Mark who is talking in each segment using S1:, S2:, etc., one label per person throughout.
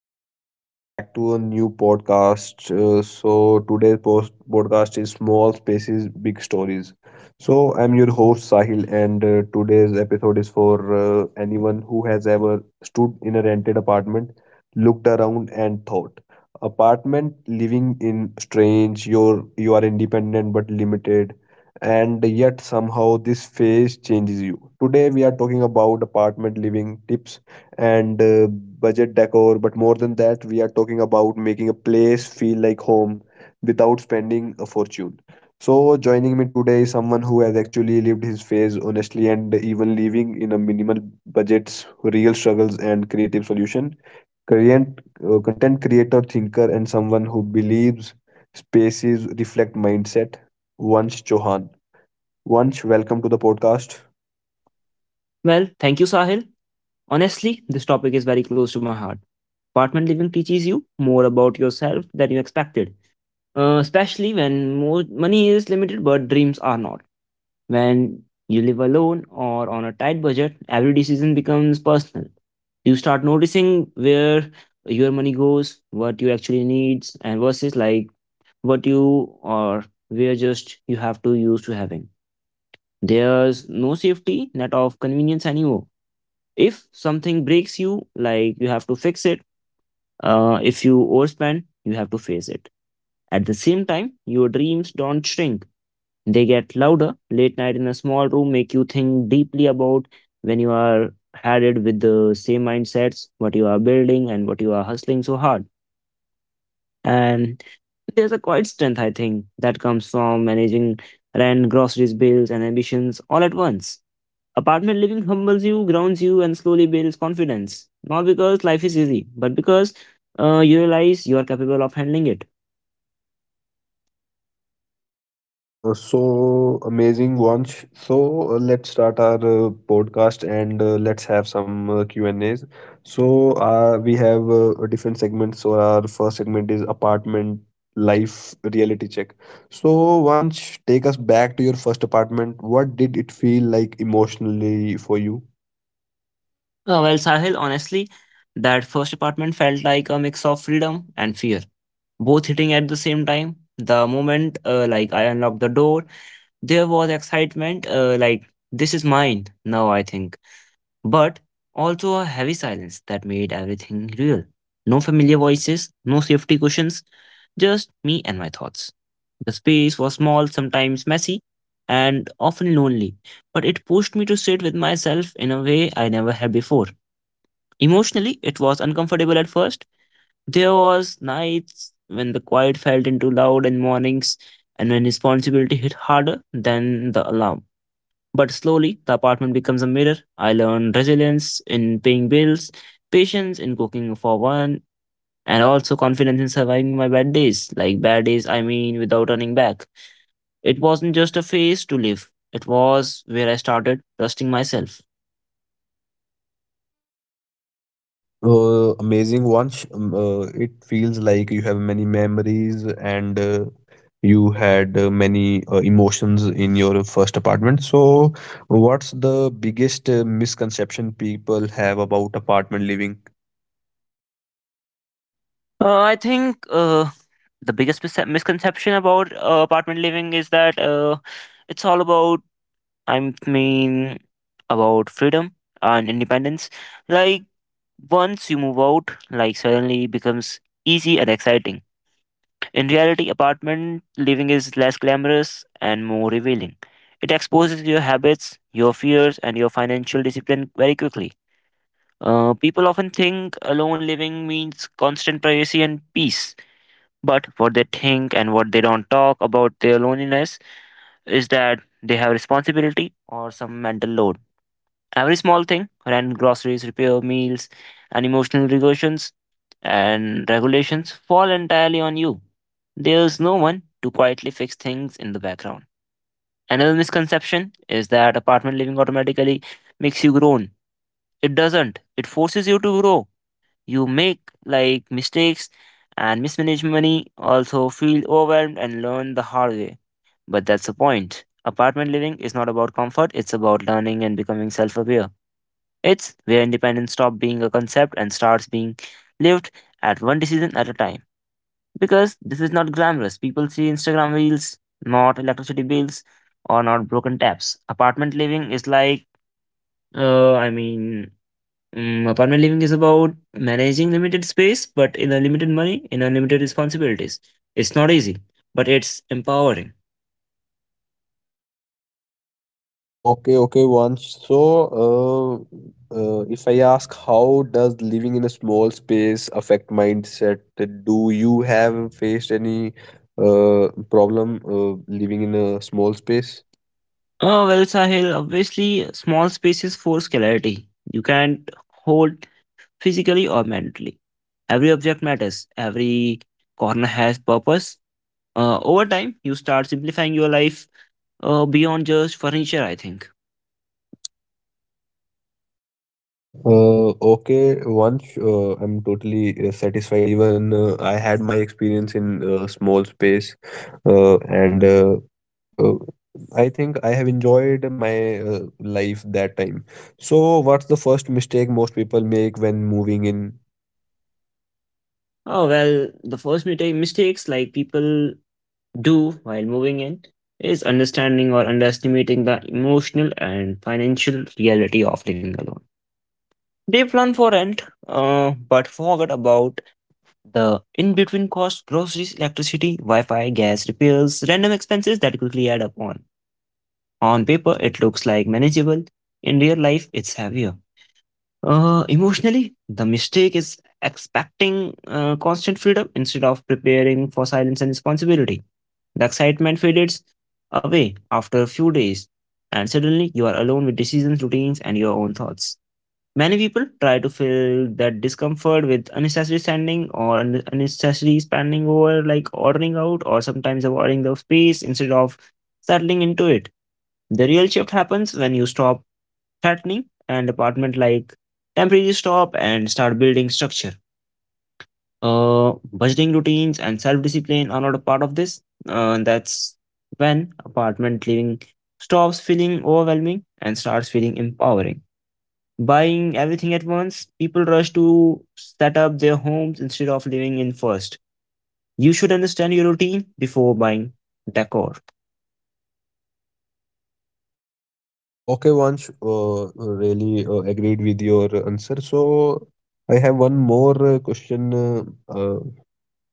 S1: everyone? Welcome back to a new podcast. Today's podcast is Small Spaces, Big Stories. So, I'm your host, Sahil, and today's episode is for anyone who has ever stood in a rented apartment, looked around, and thought. Apartment living in strange, you are independent but limited, and yet somehow this phase changes you. Today, we are talking about apartment living tips and budget decor. But more than that, we are talking about making a place feel like home without spending a fortune. So, joining me today is someone who has actually lived his phase honestly and even living in a minimal budgets, real struggles, and creative solution. Current content creator, thinker, and someone who believes spaces reflect mindset. Vansh Chauhan. Vansh, welcome to the podcast.
S2: Well, thank you, Sahil. Honestly, this topic is very close to my heart. Apartment living teaches you more about yourself than you expected, especially when more money is limited but dreams are not. When you live alone or on a tight budget, every decision becomes personal. You start noticing where your money goes, what you actually needs, and versus like what you or where just you have to use to having. There's no safety net of convenience anymore. If something breaks you, like you have to fix it. If you overspend, you have to face it. At the same time, your dreams don't shrink, they get louder. Late night in a small room make you think deeply about when you are headed with the same mindsets, what you are building, and what you are hustling so hard. And there's a quiet strength, I think, that comes from managing rent, groceries, bills, and ambitions all at once. Apartment living humbles you, grounds you, and slowly builds confidence. Not because life is easy, but because you realize you are capable of handling it.
S1: So amazing, Vansh. So let's start our podcast and let's have some Q and A's. So we have different segments. So our first segment is apartment life reality check. So Vansh, take us back to your first apartment. What did it feel like emotionally for you?
S2: Well, Sahil, honestly, that first apartment felt like a mix of freedom and fear, both hitting at the same time. The moment like I unlocked the door, there was excitement. Like this is mine now, I think. But also a heavy silence that made everything real. No familiar voices, no safety cushions, just me and my thoughts. The space was small, sometimes messy, and often lonely, but it pushed me to sit with myself in a way I never had before. Emotionally, it was uncomfortable at first. There was nights when the quiet felt into loud and mornings and when responsibility hit harder than the alarm. But slowly, the apartment becomes a mirror. I learn resilience in paying bills, patience in cooking for one, and also confidence in surviving my bad days. Like bad days, I mean without running back. It wasn't just a phase to live, it was where I started trusting myself.
S1: Amazing one. It feels like you have many memories and you had many emotions in your first apartment. So, what's the biggest misconception people have about apartment living?
S2: I think the biggest misconception about apartment living is that it's all about, I mean, about freedom and independence. Like, once you move out, like, suddenly it becomes easy and exciting. In reality, apartment living is less glamorous and more revealing. It exposes your habits, your fears, and your financial discipline very quickly. People often think alone living means constant privacy and peace, but what they think and what they don't talk about their loneliness is that they have responsibility or some mental load. Every small thing rent, groceries, repair, meals, and emotional regulations and regulations fall entirely on you. There's no one to quietly fix things in the background. Another misconception is that apartment living automatically makes you grown. It doesn't. It forces you to grow. You make like mistakes and mismanage money, also feel overwhelmed and learn the hard way. But that's the point. Apartment living is not about comfort, it's about learning and becoming self aware. It's where independence stops being a concept and starts being lived at one decision at a time. Because this is not glamorous. People see Instagram reels, not electricity bills, or not broken taps. Apartment living is like, uh, I mean, apartment living is about managing limited space, but in a limited money, in a limited responsibilities. It's not easy, but it's empowering.
S1: Okay, Once, so, uh, if I ask how does living in a small space affect mindset? Do you have faced any problem living in a small space?
S2: Oh, well, Sahil, obviously, small spaces force clarity. You can't hold physically or mentally. Every object matters. Every corner has purpose. Over time, you start simplifying your life beyond just furniture, I think.
S1: Okay, once I'm totally satisfied. Even I had my experience in small space, and uh, I think I have enjoyed my life that time. So, what's the first mistake most people make when moving in?
S2: Oh, well, the first mistakes like people do while moving in is understanding or underestimating the emotional and financial reality of living alone. They plan for rent, but forget about the in between costs, groceries, electricity, Wi Fi, gas repairs, random expenses that quickly add up on. On paper, it looks like manageable. In real life, it's heavier. Emotionally, the mistake is expecting constant freedom instead of preparing for silence and responsibility. The excitement fades away after a few days, and suddenly you are alone with decisions, routines, and your own thoughts. Many people try to fill that discomfort with unnecessary standing or unnecessary spending over, like ordering out, or sometimes avoiding the space instead of settling into it. The real shift happens when you stop threatening and apartment like temporary stop and start building structure. Budgeting routines and self discipline are not a part of this. That's when apartment living stops feeling overwhelming and starts feeling empowering. Buying everything at once, people rush to set up their homes instead of living in first. You should understand your routine before buying decor.
S1: Okay, once really agreed with your answer. So, I have one more question. Uh,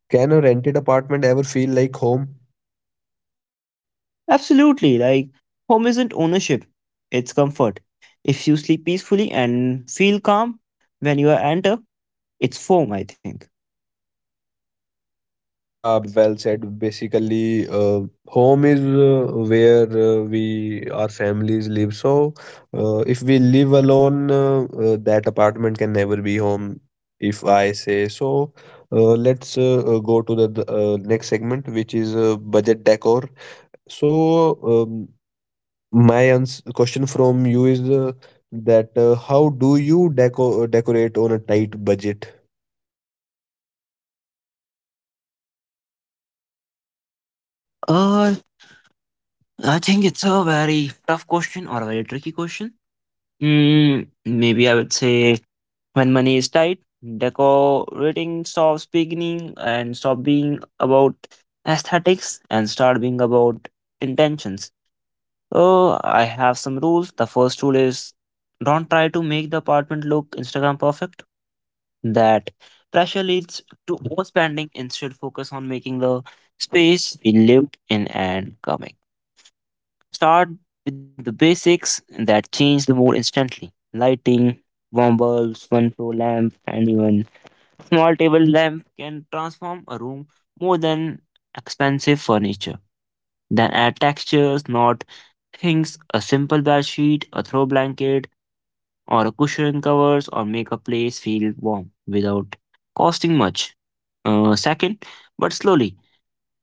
S1: can a rented apartment ever feel like home?
S2: Absolutely, like home isn't ownership, it's comfort. If you sleep peacefully and feel calm when you enter, it's home, I think.
S1: Yeah, well said. Basically, home is where we our families live. So, if we live alone, that apartment can never be home, if I say so. Let's go to the next segment, which is budget decor. So, um, my ans question from you is that how do you decorate on a tight budget?
S2: Uh, I think it's a very tough question or a very tricky question. Maybe I would say when money is tight, decorating stops beginning and stop being about aesthetics and start being about intentions. Oh, I have some rules. The first rule is don't try to make the apartment look Instagram perfect. That pressure leads to overspending. Instead, focus on making the space we lived in and coming. Start with the basics that change the mood instantly. Lighting, warm bulbs, one floor lamp, and even small table lamp can transform a room more than expensive furniture. Then add textures, not things, a simple bed sheet, a throw blanket, or a cushion covers, or make a place feel warm without costing much. Second, but slowly,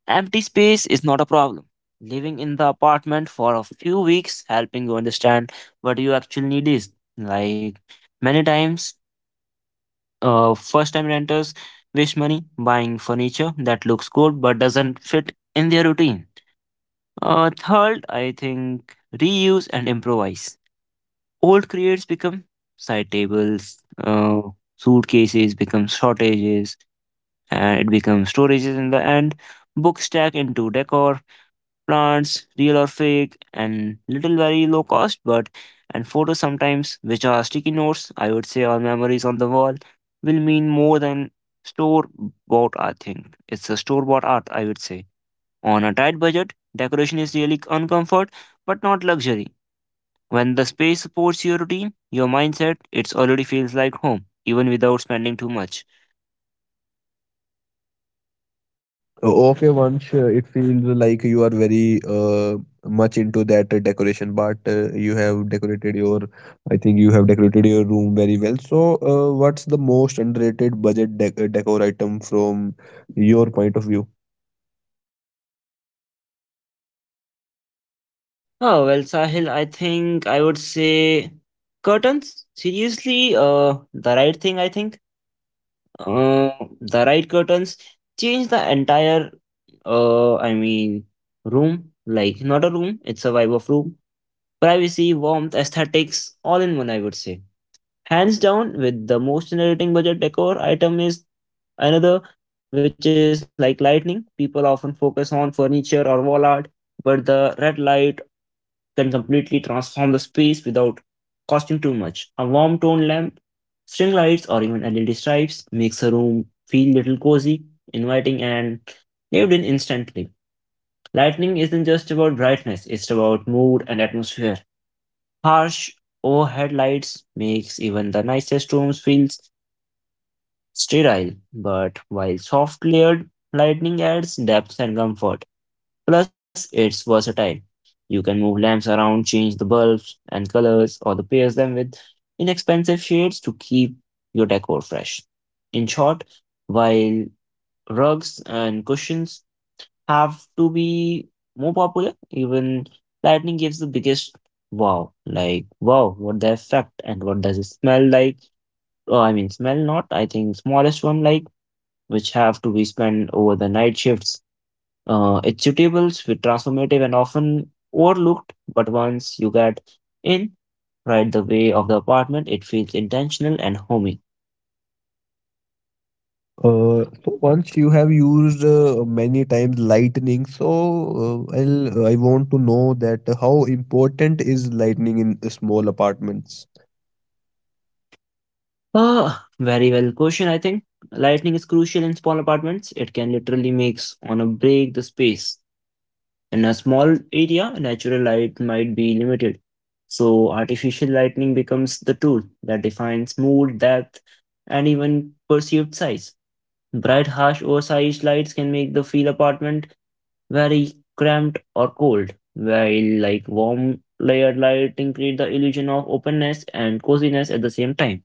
S2: empty space is not a problem. Living in the apartment for a few weeks, helping you understand what you actually need is. Like many times, first time renters waste money buying furniture that looks good but doesn't fit in their routine. Third, I think reuse and improvise. Old crates become side tables, suitcases become shortages, and it becomes storages in the end. Books stack into decor, plants, real or fake, and little very low cost, but and photos sometimes, which are sticky notes, I would say, or memories on the wall, will mean more than store bought. I think it's a store bought art, I would say. On a tight budget, decoration is really on comfort but not luxury. When the space supports your routine, your mindset, it already feels like home, even without spending too much.
S1: Okay, Vansh, it feels like you are very much into that decoration part. You have decorated I think you have decorated your room very well. So, what's the most underrated budget dec decor item from your point of view?
S2: Oh well, Sahil, I think I would say curtains. Seriously, the right thing. I think uh, the right curtains change the entire. Uh, I mean, Room. Like not a room. It's a vibe of room. Privacy, warmth, aesthetics, all in one, I would say. Hands down, with the most generating budget decor item is another, which is like lighting. People often focus on furniture or wall art, but the red light can completely transform the space without costing too much. A warm tone lamp, string lights, or even LED stripes makes a room feel little cozy, inviting, and lived in instantly. Lighting isn't just about brightness; it's about mood and atmosphere. Harsh overhead lights makes even the nicest rooms feels sterile, but while soft layered, lightning adds depth and comfort. Plus, it's versatile. You can move lamps around, change the bulbs and colors, or the pair them with inexpensive shades to keep your decor fresh. In short, while rugs and cushions have to be more popular, even lightning gives the biggest wow. Like, wow, what the effect and what does it smell like? Smell not. I think smallest one like which have to be spent over the night shifts. It's suitable, with transformative, and often overlooked, but once you get in, right the way of the apartment, it feels intentional and homey.
S1: So once you have used many times lightning, so I'll, I want to know that how important is lightning in small apartments?
S2: Ah, very well question, I think. Lighting is crucial in small apartments. It can literally makes on a break the space. In a small area, natural light might be limited. So artificial lighting becomes the tool that defines mood, depth, and even perceived size. Bright, harsh, oversized lights can make the feel apartment very cramped or cold, while like warm layered lighting create the illusion of openness and coziness at the same time.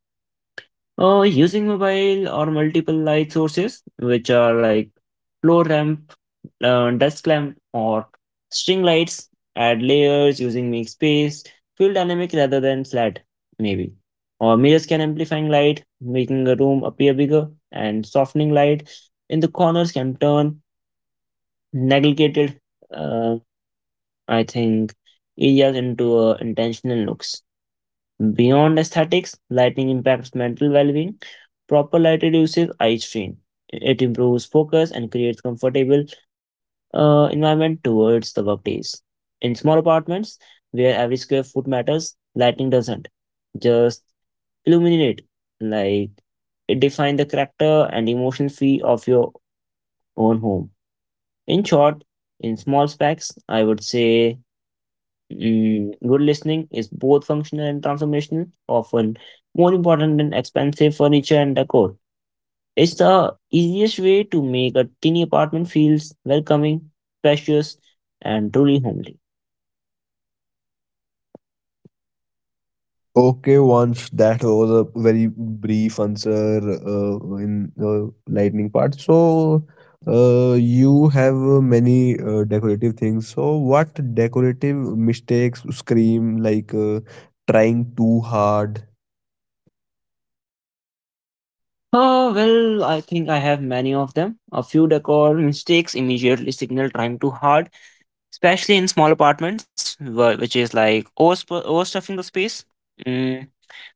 S2: Using mobile or multiple light sources, which are like floor lamp, desk lamp, or string lights, add layers using make space, feel dynamic rather than flat, maybe. Or mirrors can amplifying light, making a room appear bigger, and softening light in the corners can turn neglected, uh, I think, areas into intentional looks. Beyond aesthetics, lighting impacts mental well being. Proper light reduces eye strain. It improves focus and creates comfortable environment towards the workdays. In small apartments, where every square foot matters, lighting doesn't. Just illuminate, like it defines the character and emotion fee of your own home. In short, in small specs, I would say good listening is both functional and transformational, often more important than expensive furniture and decor. It's the easiest way to make a tiny apartment feels welcoming, spacious, and truly homely.
S1: Okay, Vansh, that was a very brief answer in the lightning part. So, you have many decorative things. So, what decorative mistakes scream like trying too hard?
S2: Oh, well, I think I have many of them. A few decor mistakes immediately signal trying too hard, especially in small apartments, which is like overstuffing the space, mm,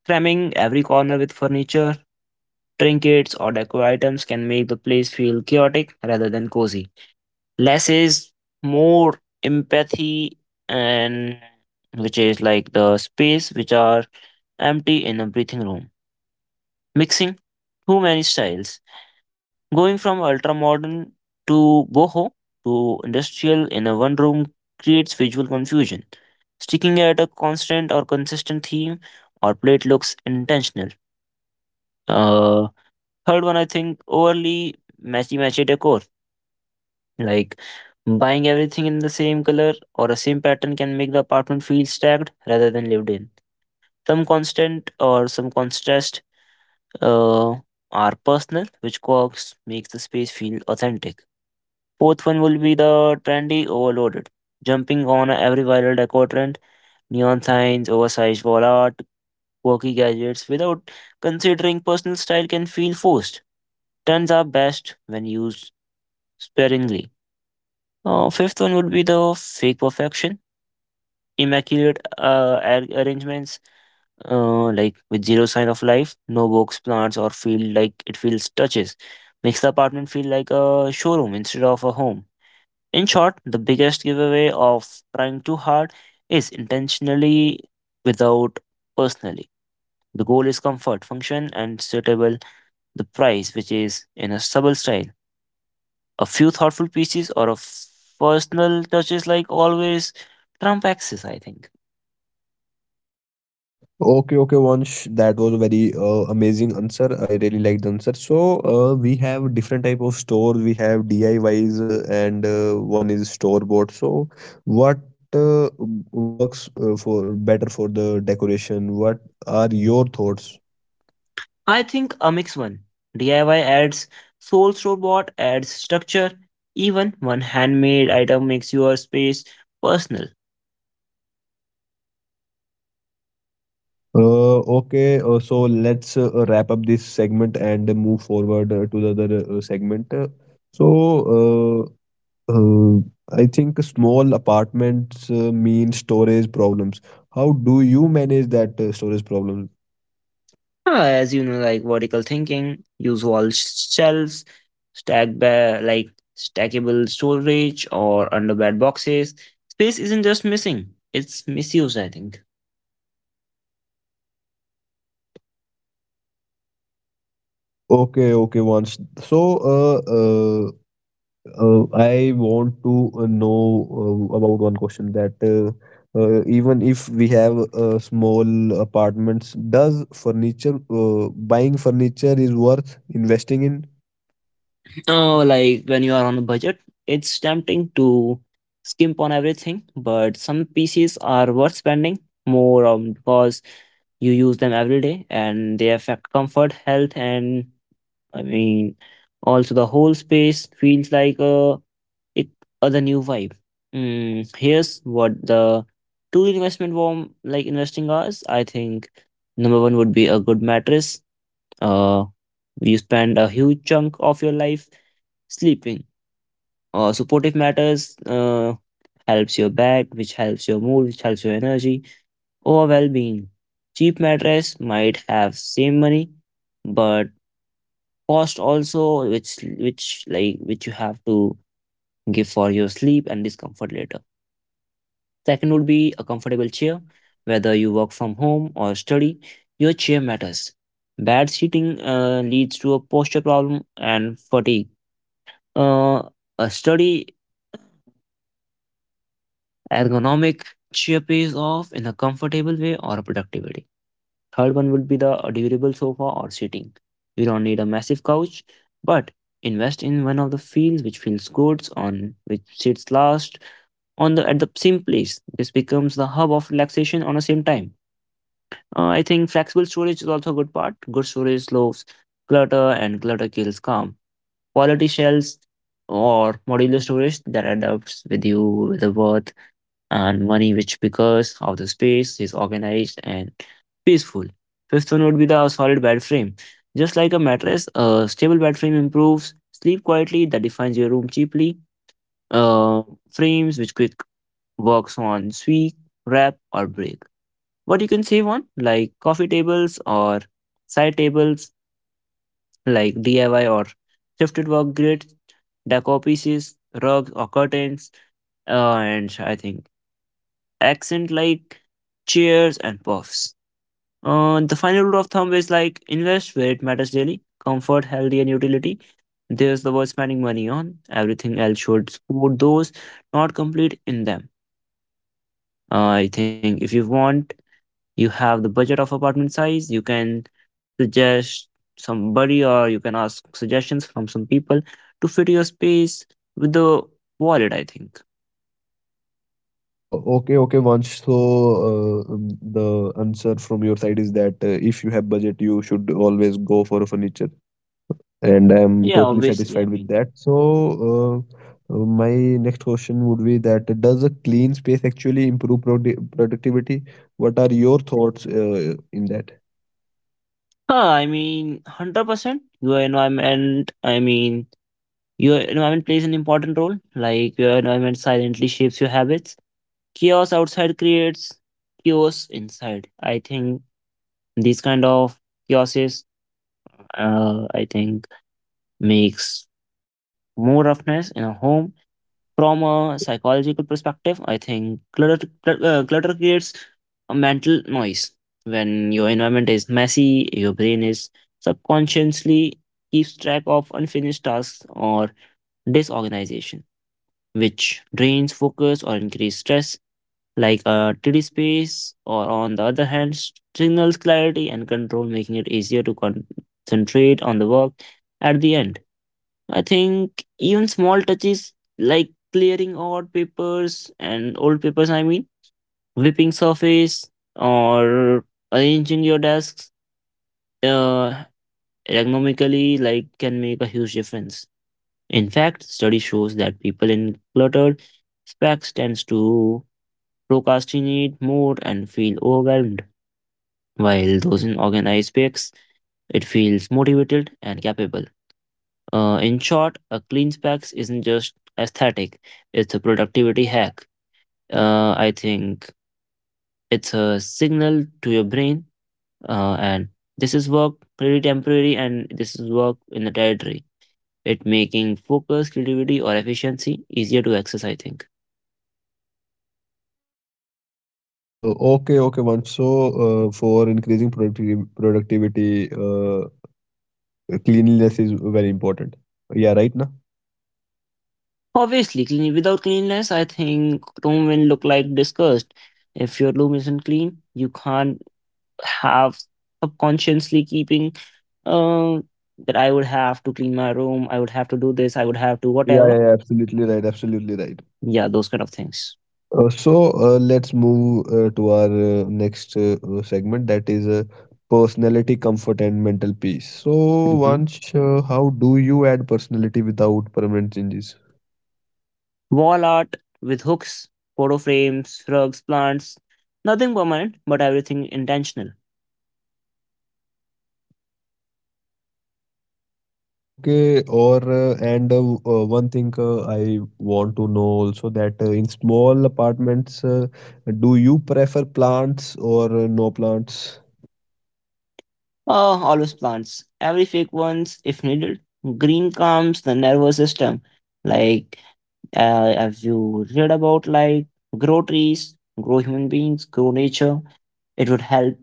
S2: cramming every corner with furniture, trinkets or decor items can make the place feel chaotic rather than cozy. Less is more empathy and which is like the space which are empty in a breathing room. Mixing too many styles. Going from ultra modern to boho to industrial in a one room creates visual confusion. Sticking at a constant or consistent theme or plate looks intentional. Uh, Third one, I think overly matchy matchy decor. Like buying everything in the same color or a same pattern can make the apartment feel stacked rather than lived in. Some constant or some contrast uh, are personal, which co-ops makes the space feel authentic. Fourth one will be the trendy overloaded. Jumping on every viral decor trend, neon signs, oversized wall art, quirky gadgets without considering personal style can feel forced. Trends are best when used sparingly. Fifth one would be the fake perfection, immaculate arrangements, like with zero sign of life, no books, plants, or feel like it feels touches. Makes the apartment feel like a showroom instead of a home. In short, the biggest giveaway of trying too hard is intentionally without personally. The goal is comfort, function, and suitable the price, which is in a subtle style. A few thoughtful pieces or a personal touches, like always, Trump axis, I think.
S1: Okay, okay, Vansh. That was a very amazing answer. I really like the answer. So we have different type of store. We have DIYs and one is store bought. So what uh, works for better for the decoration? What are your thoughts?
S2: I think a mix one. DIY adds soul, robot adds structure. Even one handmade item makes your space personal.
S1: Okay, so let's wrap up this segment and move forward to the other segment. So uh, Uh, I think small apartments mean storage problems. How do you manage that storage problem?
S2: Ah, as you know, like vertical thinking, use wall shelves, like stackable storage or under bed boxes. Space isn't just missing; it's misused, I think.
S1: Okay, okay, once. So, uh, uh, I want to know about one question that even if we have small apartments, does furniture buying furniture is worth investing in?
S2: Oh, like when you are on a budget, it's tempting to skimp on everything, but some pieces are worth spending more on because you use them every day and they affect comfort, health, and I mean, also the whole space feels like a it other new vibe. Here's what the two investment form like investing hours. I think number one would be a good mattress. Uh, you spend a huge chunk of your life sleeping supportive matters helps your back, which helps your mood, which helps your energy or well-being. Cheap mattress might have same money, but cost also which like which you have to give for your sleep and discomfort later. Second would be a comfortable chair, whether you work from home or study, your chair matters. Bad seating leads to a posture problem and fatigue. Uh, a study ergonomic chair pays off in a comfortable way or productivity. Third one would be the durable sofa or seating. You don't need a massive couch, but invest in one of the fields which feels good on which sits last on the at the same place. This becomes the hub of relaxation on the same time. I think flexible storage is also a good part. Good storage slows clutter, and clutter kills calm. Quality shells or modular storage that adapts with you with the worth and money, which because of the space is organized and peaceful. Fifth one would be the solid bed frame. Just like a mattress, a stable bed frame improves sleep quietly, that defines your room cheaply. Uh, Frames which quick works on sweep, wrap, or break. What you can save on, like coffee tables or side tables, like DIY or shifted work grid, decor pieces, rugs or curtains, and I think accent like cheers and puffs. The final rule of thumb is like invest where it matters daily, comfort, healthy, and utility. There's the word spending money on. Everything else should support those, not complete in them. I think if you want, you have the budget of apartment size, you can suggest somebody or you can ask suggestions from some people to fit your space with the wallet, I think.
S1: Oh, okay, okay, Vansh. So, the answer from your side is that if you have budget, you should always go for furniture, and I'm
S2: Yeah,
S1: totally
S2: obviously,
S1: satisfied
S2: I
S1: with
S2: mean.
S1: that. So, uh, my next question would be that does a clean space actually improve productivity? What are your thoughts in that?
S2: 100% your environment. Your environment plays an important role. Like, your environment silently shapes your habits. Chaos outside creates chaos inside. I think these kind of chaoses, I think, makes more roughness in a home. From a psychological perspective, I think clutter creates a mental noise. When your environment is messy, your brain is subconsciously keeps track of unfinished tasks or disorganization, which drains focus or increase stress. Like a tidy space, or on the other hand, signals clarity and control, making it easier to concentrate on the work at the end. I think even small touches like clearing odd papers and old papers, whipping surface or arranging your desks uh, ergonomically like can make a huge difference. In fact, study shows that people in cluttered specs tends to procrastinate more and feel overwhelmed, while those in organized specs it feels motivated and capable. In short, a clean specs isn't just aesthetic, it's a productivity hack. I think it's a signal to your brain, and this is work really temporary, and this is work in the territory. It making focus, creativity, or efficiency easier to access, I think.
S1: Okay, okay, Vansh. So, for increasing productiv productivity, cleanliness is very important. Yeah, right now.
S2: Obviously, clean without cleanliness, I think room will look like disgust. If your room isn't clean, you can't have subconsciously keeping uh, that I would have to clean my room, I would have to do this, I would have to
S1: Yeah, yeah,
S2: whatever.
S1: yeah, absolutely right, absolutely right.
S2: Yeah, those kind of things.
S1: So let's move to our next segment that is personality, comfort, and mental peace. So,
S2: Hmm.
S1: Vansh, how do you add personality without permanent changes?
S2: Wall art with hooks, photo frames, rugs, plants. Nothing permanent, but everything intentional.
S1: Okay, one thing I want to know also that in small apartments, do you prefer plants or no plants?
S2: Oh, always plants. Every fake ones, if needed. Green calms the nervous system. Like, have you read about like grow trees, grow human beings, grow nature? It would help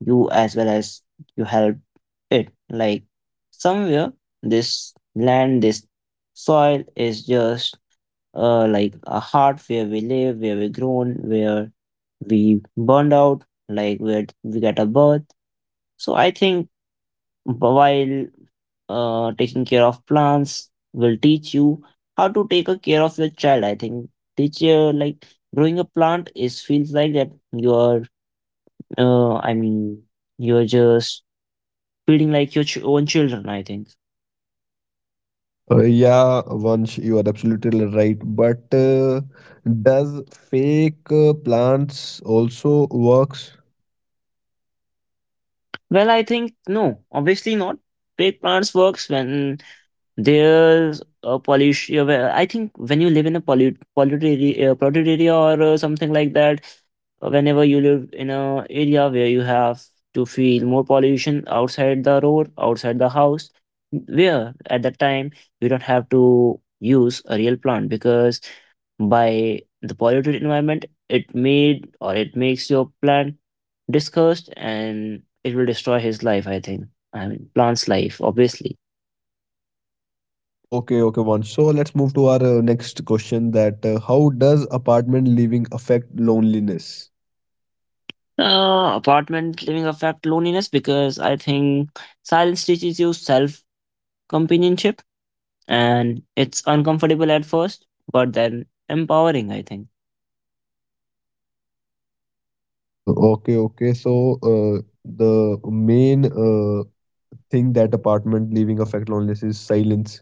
S2: you as well as you help it. Like somewhere, this land, this soil is just like a heart where we live, where we grown, where we burned out, like where we get a birth. So I think while taking care of plants will teach you how to take a care of your child. I think teach you like growing a plant is feels like that you are uh, I mean you're just feeding like your own children, I think.
S1: Yeah, Vansh, you are absolutely right. But does fake plants also works?
S2: Well, I think no, obviously not. Big plants works when there's a pollution. Yeah, well, I think when you live in a polluted area, polluted area or something like that, whenever you live in a area where you have to feel more pollution outside the road, outside the house, where at that time you don't have to use a real plant because by the polluted environment, it made or it makes your plant discussed and it will destroy his life, I think. I mean plant's life, obviously.
S1: Okay, okay, Vansh. So let's move to our next question. That how does apartment living affect loneliness?
S2: Apartment living affect loneliness because I think silence teaches you self companionship and it's uncomfortable at first, but then empowering, I think.
S1: Okay, okay. So the main thing that apartment living affect loneliness is silence.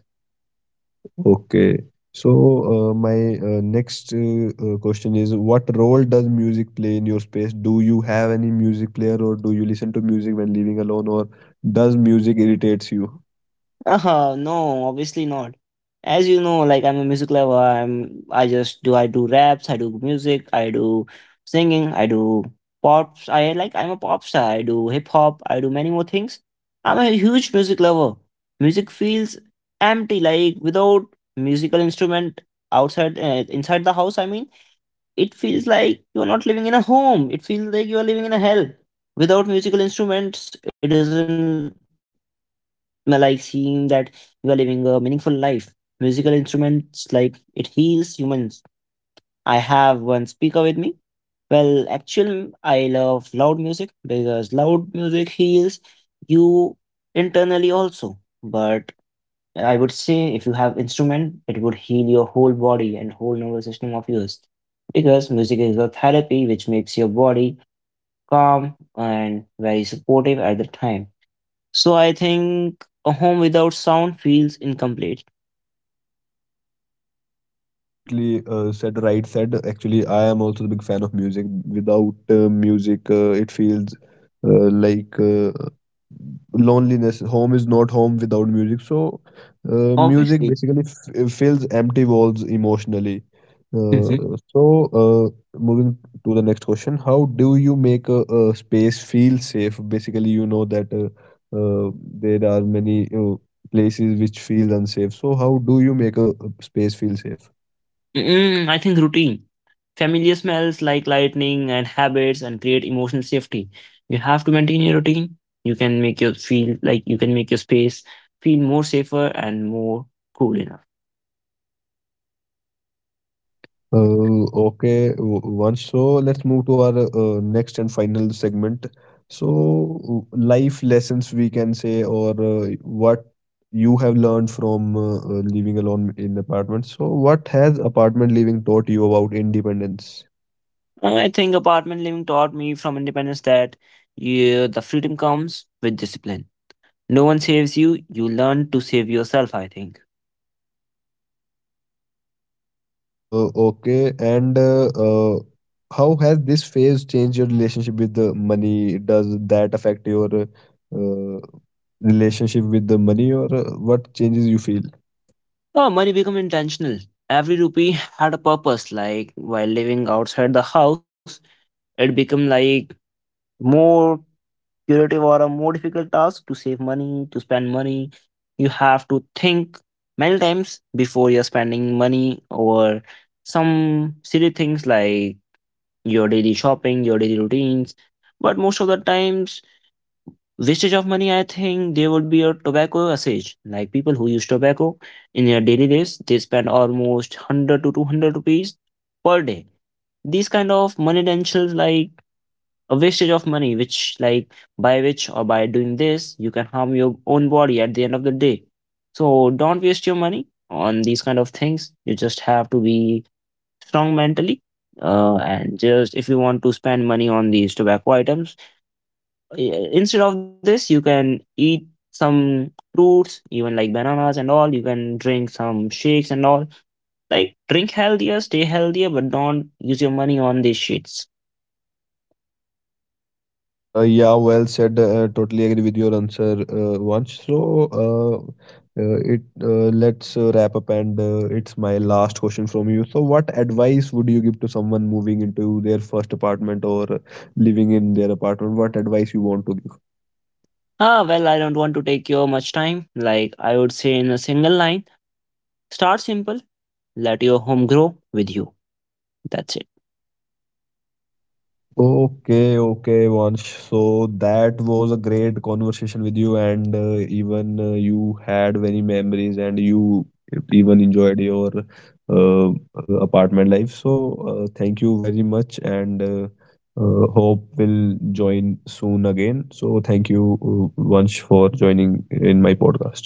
S1: Okay. So, my next question is, what role does music play in your space? Do you have any music player, or do you listen to music when living alone, or does music irritates you?
S2: No, obviously not. As you know, like I'm a music lover. I'm I just do raps, I do music, I do singing, I do pops. I like I'm a pop star. I do hip hop. I do many more things. I'm a huge music lover. Music feels empty, like without musical instrument outside inside the house. It feels like you're not living in a home. It feels like you're living in a hell. Without musical instruments, it doesn't. Am I like seeing that you are living a meaningful life? Musical instruments like it heals humans. I have one speaker with me. Well, actually, I love loud music because loud music heals you internally also. But I would say if you have instrument, it would heal your whole body and whole nervous system of yours. Because music is a therapy which makes your body calm and very supportive at the time. So I think a home without sound feels incomplete.
S1: Yeah, absolutely. Said right. Said actually, I am also a big fan of music. Without music, it feels like loneliness. Home is not home without music. So, music
S2: Obviously.
S1: basically f fills empty walls emotionally.
S2: Mhm.
S1: Uh, so, moving to the next question, how do you make a space feel safe? Basically, you know that uh, there are many. Places which feel unsafe. So how do you make a space feel safe?
S2: Mm, I think routine. Familiar smells like lightning and habits and create emotional safety. You have to maintain your routine. You can make your space feel more safer and more cool enough.
S1: Okay, once so let's move to our next and final segment. So life lessons we can say, or what you have learned from living alone in apartments. So what has apartment living taught you about independence?
S2: I think apartment living taught me from independence that yeah, the freedom comes with discipline. No one saves you, you learn to save yourself, I think.
S1: Okay, and how has this phase changed your relationship with the money? Does that affect your relationship with the money, or what changes you feel?
S2: Oh, money became intentional. Every rupee had a purpose. Like while living outside the house, it became like more curative or a more difficult task to save money, to spend money. You have to think many times before you're spending money or some silly things like your daily shopping, your daily routines. But most of the times, wastage of money, I think there would be a tobacco usage. Like people who use tobacco in their daily lives, they spend almost 100 to 200 rupees per day. These kind of money dentions, like a wastage of money, which like by which or by doing this, you can harm your own body at the end of the day. So don't waste your money on these kind of things. You just have to be strong mentally. And just if you want to spend money on these tobacco items, instead of this you can eat some fruits even like bananas and all, you can drink some shakes and all, like drink healthier, stay healthier, but don't use your money on these shits.
S1: Yeah, well said. Totally agree with your answer, Vansh. So, uh, it let's wrap up, and it's my last question from you. So, what advice would you give to someone moving into their first apartment or living in their apartment? What advice you want to give?
S2: Ah, well, I don't want to take your much time, like I would say in a single line: start simple, let your home grow with you. That's it.
S1: Okay, okay, Vansh. So that was a great conversation with you, and even you had many memories, and you even enjoyed your apartment life. So thank you very much, and hope we'll join soon again. So thank you, Vansh, for joining in my podcast.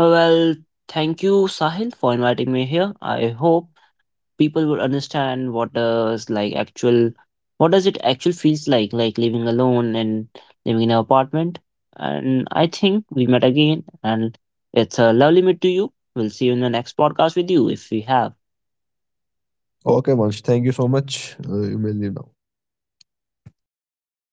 S2: Well, thank you, Sahil, for inviting me here. I hope people would understand what does like actual what does it actually feels like living alone and living in an apartment. And I think we met again and it's a lovely meet to you. We'll see you in the next podcast with you if we have.
S1: Okay, Vansh, thank you so much. You may leave now.